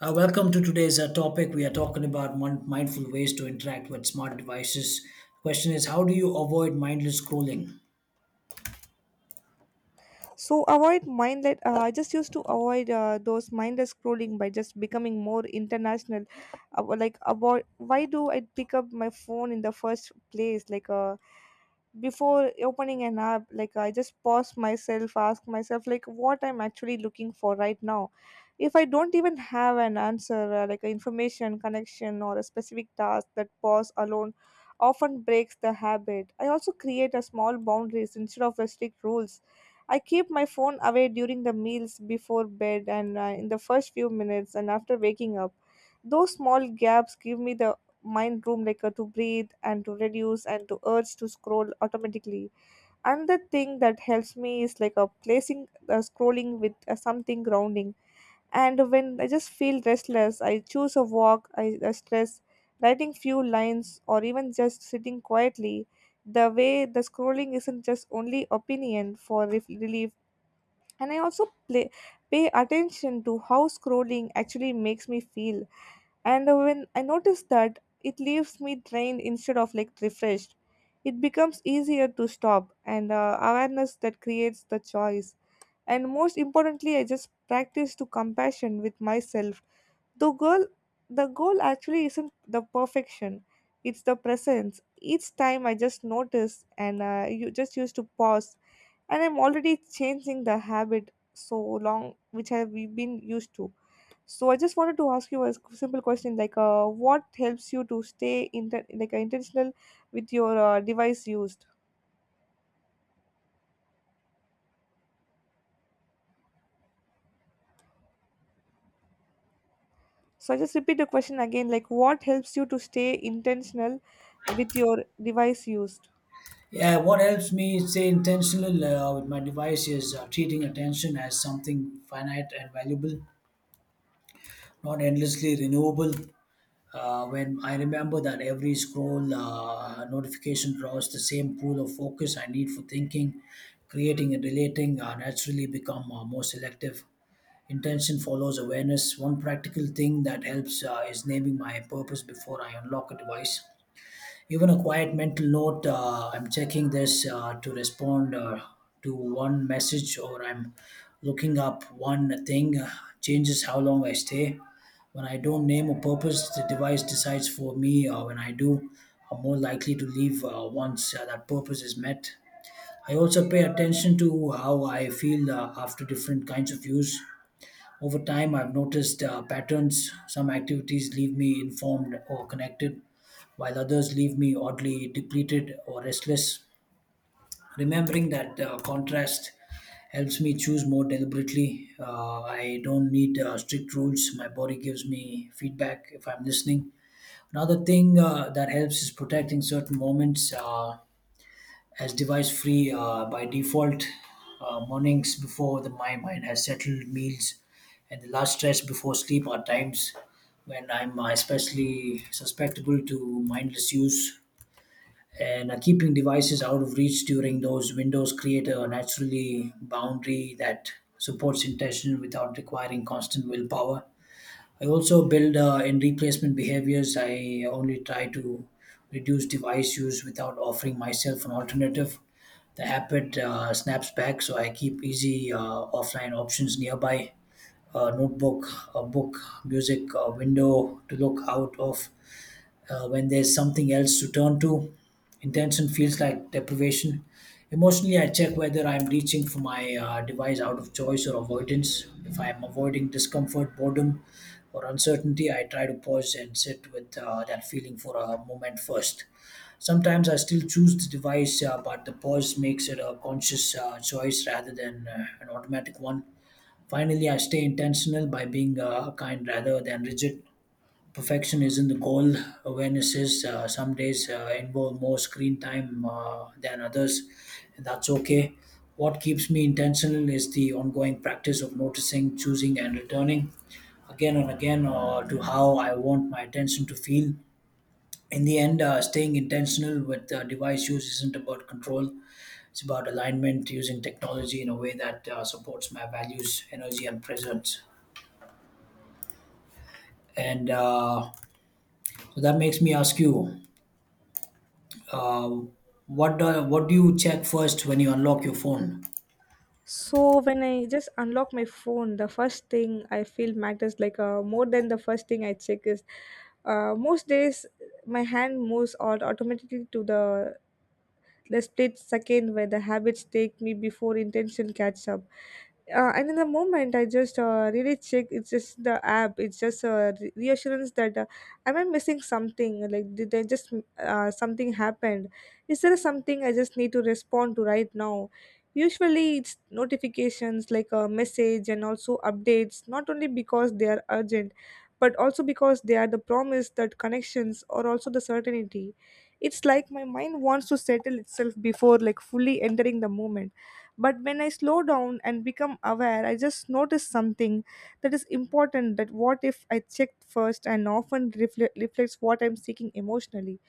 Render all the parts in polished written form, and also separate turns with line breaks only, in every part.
Welcome to today's topic. We are talking about mindful ways to interact with smart devices. Question is, how do you avoid mindless scrolling?
So avoid mindless, I just used to avoid those mindless scrolling by just becoming more international. Like avoid, why do I pick up my phone in the first place, like before opening an app, like I just pause myself, ask myself like what I'm actually looking for right now. If I don't even have an answer, like information, connection, or a specific task, that pause alone often breaks the habit. I also create a small boundaries instead of the strict rules. I keep my phone away during the meals, before bed, and in the first few minutes and after waking up. Those small gaps give me the mind room, like to breathe and to reduce and to urge to scroll automatically. And the thing that helps me is like a placing scrolling with something grounding. And when I just feel restless, I choose a walk, I stress, writing few lines or even just sitting quietly, the way the scrolling isn't just only opinion for relief. And I also play pay attention to how scrolling actually makes me feel. And when I notice that, it leaves me drained instead of like refreshed. It becomes easier to stop, and awareness that creates the choice. And most importantly, I just practice to compassion with myself. The goal, the goal actually isn't the perfection; it's the presence. Each time I just notice, and you just used to pause, and I'm already changing the habit so long which I've been used to. So I just wanted to ask you a simple question, like, what helps you to stay intentional with your device used? So I just repeat the question again, like, what helps you to stay intentional with your device used?
Yeah, what helps me stay intentional with my device is treating attention as something finite and valuable, not endlessly renewable. When I remember that every scroll notification draws the same pool of focus I need for thinking, creating and relating, naturally become more selective. Intention follows awareness. One practical thing that helps is naming my purpose before I unlock a device. Even a quiet mental note I'm checking this to respond to one message, or I'm looking up one thing changes how long I stay. When I don't name a purpose, the device decides for me. When I do, I'm more likely to leave once that purpose is met. I also pay attention to how I feel after different kinds of use. Over time, I've noticed patterns. Some activities leave me informed or connected, while others leave me oddly depleted or restless. Remembering that contrast helps me choose more deliberately. I don't need strict rules. My body gives me feedback if I'm listening. Another thing that helps is protecting certain moments. As device free by default. Mornings before the, my mind has settled, meals, and the last stretch before sleep are times when I'm especially susceptible to mindless use. And keeping devices out of reach during those windows create a naturally boundary that supports intention without requiring constant willpower. I also build in replacement behaviors. I only try to reduce device use without offering myself an alternative. The habit snaps back, so I keep easy offline options nearby. A notebook, a book, music, a window to look out of when there's something else to turn to. Intention feels like deprivation. Emotionally, I check whether I'm reaching for my device out of choice or avoidance. If I'm avoiding discomfort, boredom, or uncertainty, I try to pause and sit with that feeling for a moment first. Sometimes I still choose the device, but the pause makes it a conscious choice rather than an automatic one. Finally, I stay intentional by being kind rather than rigid. Perfection isn't the goal. Awarenesses some days involve more screen time than others, and that's okay. What keeps me intentional is the ongoing practice of noticing, choosing, and returning again and again to how I want my attention to feel. In the end, staying intentional with device use isn't about control. It's about alignment, using technology in a way that supports my values, energy, and presence. And so that makes me ask you. What do you check first when you unlock your phone?
So when I just unlock my phone, the first thing I feel matters, like, more than the first thing I check is, most days my hand moves all automatically to the. Let's split second where the habits take me before intention catch up. And in the moment, I just really check. It's just the app. It's just a reassurance that, am I missing something? Like did I just something happened? Is there something I just need to respond to right now? Usually, it's notifications like a message and also updates. Not only because they are urgent, but also because they are the promise that connections or also the certainty. It's like my mind wants to settle itself before like fully entering the moment. But when I slow down and become aware, I just notice something that is important, that what if I checked first and often reflects what I'm seeking emotionally.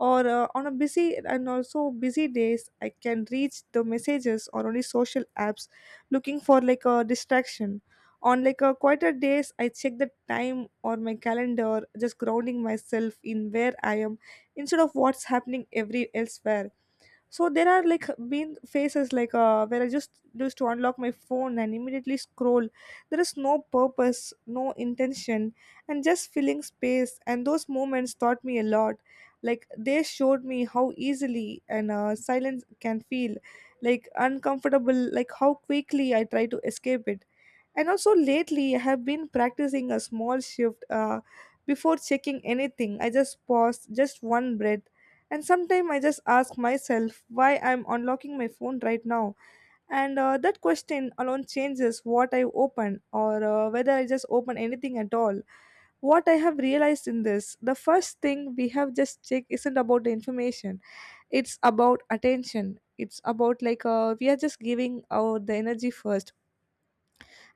Or on a busy and also busy days, I can reach the messages or only social apps looking for like a distraction. On like a quieter days, I check the time or my calendar, just grounding myself in where I am instead of what's happening every elsewhere. So there are like been phases like, where I just used to unlock my phone and immediately scroll. There is no purpose, no intention, and just filling space. And those moments taught me a lot. Like they showed me how easily and, silence can feel like uncomfortable, like how quickly I try to escape it. And also lately I have been practicing a small shift. Before checking anything, I just pause, just one breath. And sometimes I just ask myself why I'm unlocking my phone right now. And that question alone changes what I open or whether I just open anything at all. What I have realized in this, the first thing we have just checked isn't about the information, it's about attention. It's about, like, we are just giving our the energy first.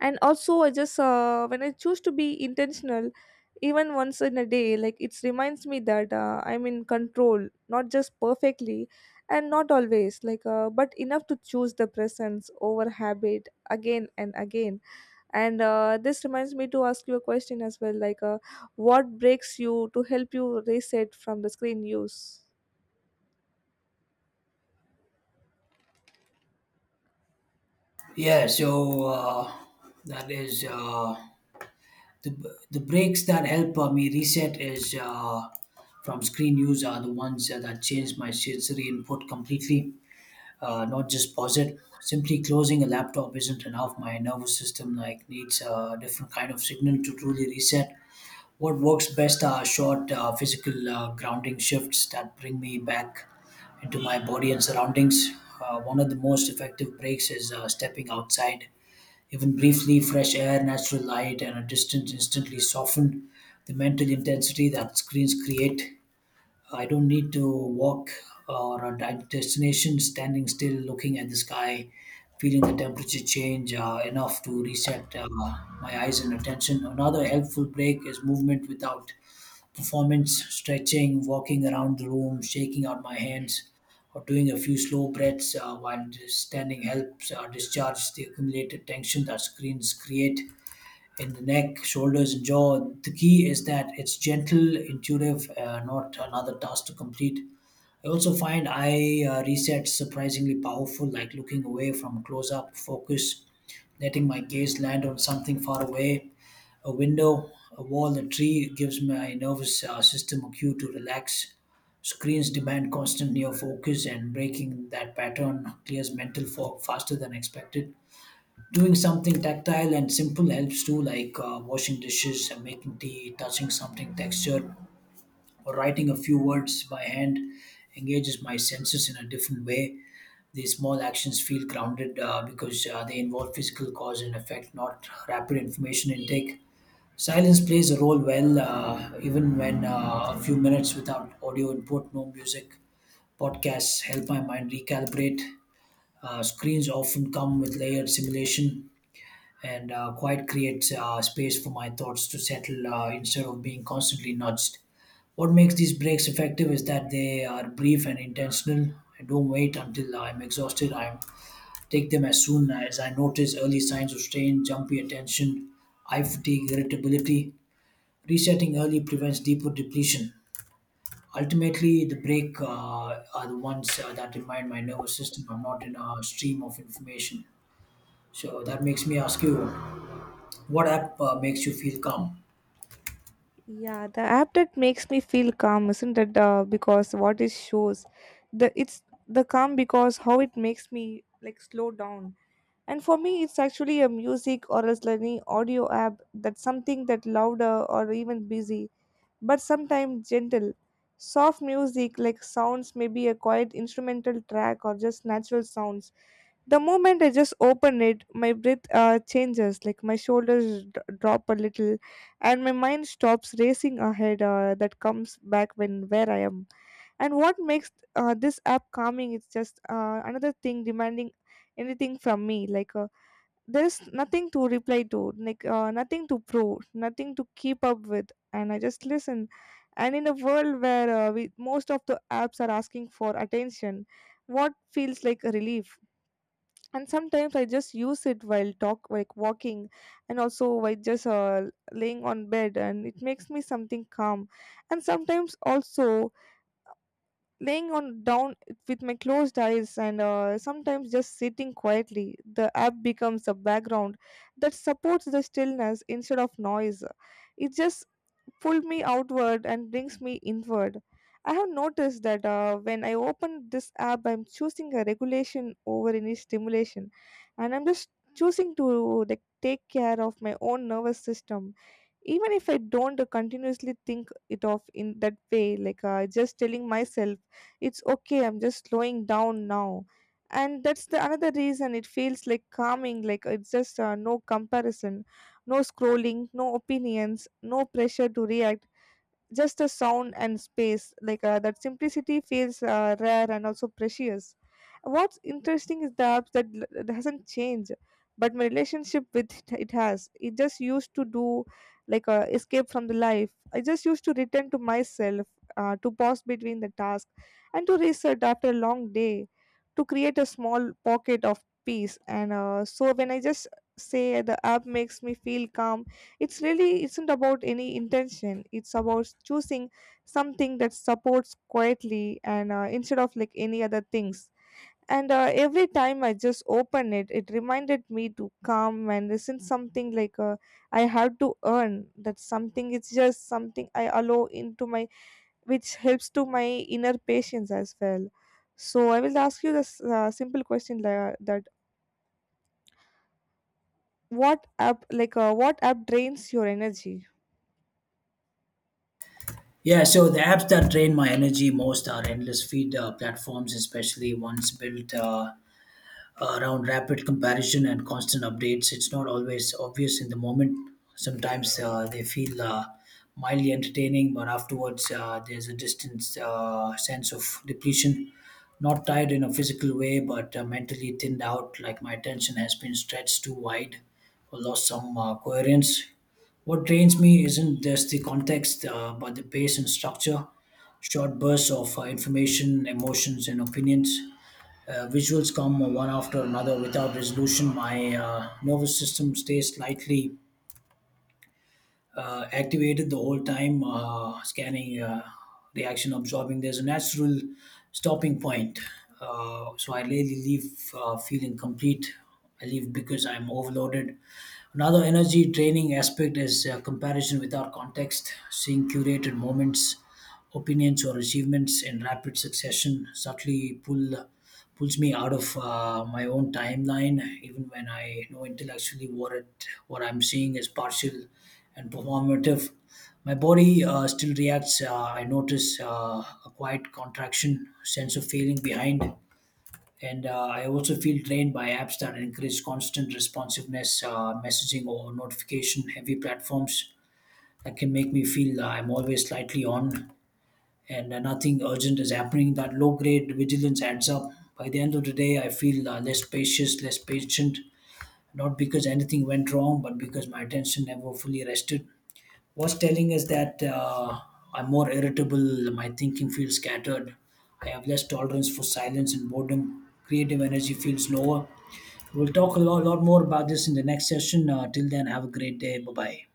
And also I just when I choose to be intentional even once in a day, like it reminds me that I'm in control, not just perfectly and not always, like, but enough to choose the presence over habit, again and again. And this reminds me to ask you a question as well, like, what breaks you to help you reset from the screen use?
Yeah, so that is the breaks that help me reset is from screen use are the ones that change my sensory input completely, not just pause it. Simply closing a laptop isn't enough. My nervous system like needs a different kind of signal to truly reset. What works best are short physical grounding shifts that bring me back into my body and surroundings. One of the most effective breaks is stepping outside. Even briefly, fresh air, natural light, and a distance instantly soften the mental intensity that screens create. I don't need to walk or a destination, standing still, looking at the sky, feeling the temperature change enough to reset my eyes and attention. Another helpful break is movement without performance, stretching, walking around the room, shaking out my hands, or doing a few slow breaths while just standing helps discharge the accumulated tension that screens create in the neck, shoulders, and jaw. The key is that it's gentle, intuitive, not another task to complete. I also find eye resets surprisingly powerful, like looking away from close up focus, letting my gaze land on something far away, a window, a wall, a tree gives my nervous system a cue to relax. Screens demand constant near focus, and breaking that pattern clears mental fog faster than expected. Doing something tactile and simple helps too, like washing dishes, making tea, touching something textured or writing a few words by hand engages my senses in a different way. These small actions feel grounded because they involve physical cause and effect, not rapid information intake. Silence plays a role well, even when a few minutes without audio input, no music. Podcasts help my mind recalibrate. Screens often come with layered simulation, and quiet creates space for my thoughts to settle instead of being constantly nudged. What makes these breaks effective is that they are brief and intentional. I don't wait until I'm exhausted. I take them as soon as I notice early signs of strain, jumpy attention, eye fatigue, irritability. Resetting early prevents deeper depletion. Ultimately, the break are the ones that remind my nervous system I'm not in a stream of information. So that makes me ask you, what app makes you feel calm?
Yeah, the app that makes me feel calm isn't it because what it shows, the it's the calm because how it makes me like slow down. And for me, it's actually a music or else any audio app, that's something that louder or even busy, but sometimes gentle, soft music, like sounds, maybe a quiet instrumental track or just natural sounds. The moment I just open it, my breath changes, like my shoulders drop a little, and my mind stops racing ahead. That comes back when where I am. And what makes this app calming? Is just another thing demanding anything from me. Like there's nothing to reply to, like nothing to prove, nothing to keep up with, and I just listen. And in a world where we, most of the apps are asking for attention, what feels like a relief? And sometimes I just use it while talk like walking, and also while just laying on bed, and it makes me something calm. And sometimes also laying on down with my closed eyes, and sometimes just sitting quietly, the app becomes a background that supports the stillness instead of noise. It just pull me outward and brings me inward. I have noticed that when I open this app, I'm choosing a regulation over any stimulation, and I'm just choosing to like take care of my own nervous system, even if I don't continuously think it off in that way, like just telling myself it's okay, I'm just slowing down now. And that's the another reason it feels like calming, like it's just no comparison, no scrolling, no opinions, no pressure to react, just a sound and space, like that simplicity feels rare and also precious. What's interesting is the apps that that hasn't changed, but my relationship with it, it has. It just used to do like a escape from the life. I just used to return to myself, to pause between the task and to reset after a long day, to create a small pocket of peace. And so when I just say the app makes me feel calm, it's really isn't about any intention. It's about choosing something that supports quietly, and instead of like any other things. And every time I just open it, it reminded me to come and this something, like I have to earn that something. It's just something I allow into my, which helps to my inner patience as well. So I will ask you this simple question like, that what app, like what app drains your energy?
Yeah, so the apps that drain my energy most are endless feed platforms, especially ones built around rapid comparison and constant updates. It's not always obvious in the moment. Sometimes they feel mildly entertaining, but afterwards there's a distant sense of depletion. Not tired in a physical way, but mentally thinned out, like my attention has been stretched too wide or lost some coherence. What drains me isn't just the context, but the pace and structure. Short bursts of information, emotions, and opinions visuals come one after another without resolution. My nervous system stays slightly activated the whole time, scanning, reaction absorbing. There's a natural stopping point. So I really leave feeling complete. I leave because I'm overloaded. Another energy training aspect is comparison without context, seeing curated moments opinions or achievements in rapid succession subtly pulls me out of my own timeline, even when I know intellectually what I'm seeing is partial and performative. My body still reacts. I notice a quiet contraction, sense of feeling behind. And I also feel drained by apps that encourage constant responsiveness, messaging or notification heavy platforms that can make me feel I'm always slightly on, and nothing urgent is happening. That low grade vigilance adds up. By the end of the day, I feel less spacious, less patient, not because anything went wrong, but because my attention never fully rested. What's telling is that I'm more irritable, my thinking feels scattered, I have less tolerance for silence and boredom, creative energy feels lower. We'll talk a lot more about this in the next session. Till then, have a great day. Bye bye.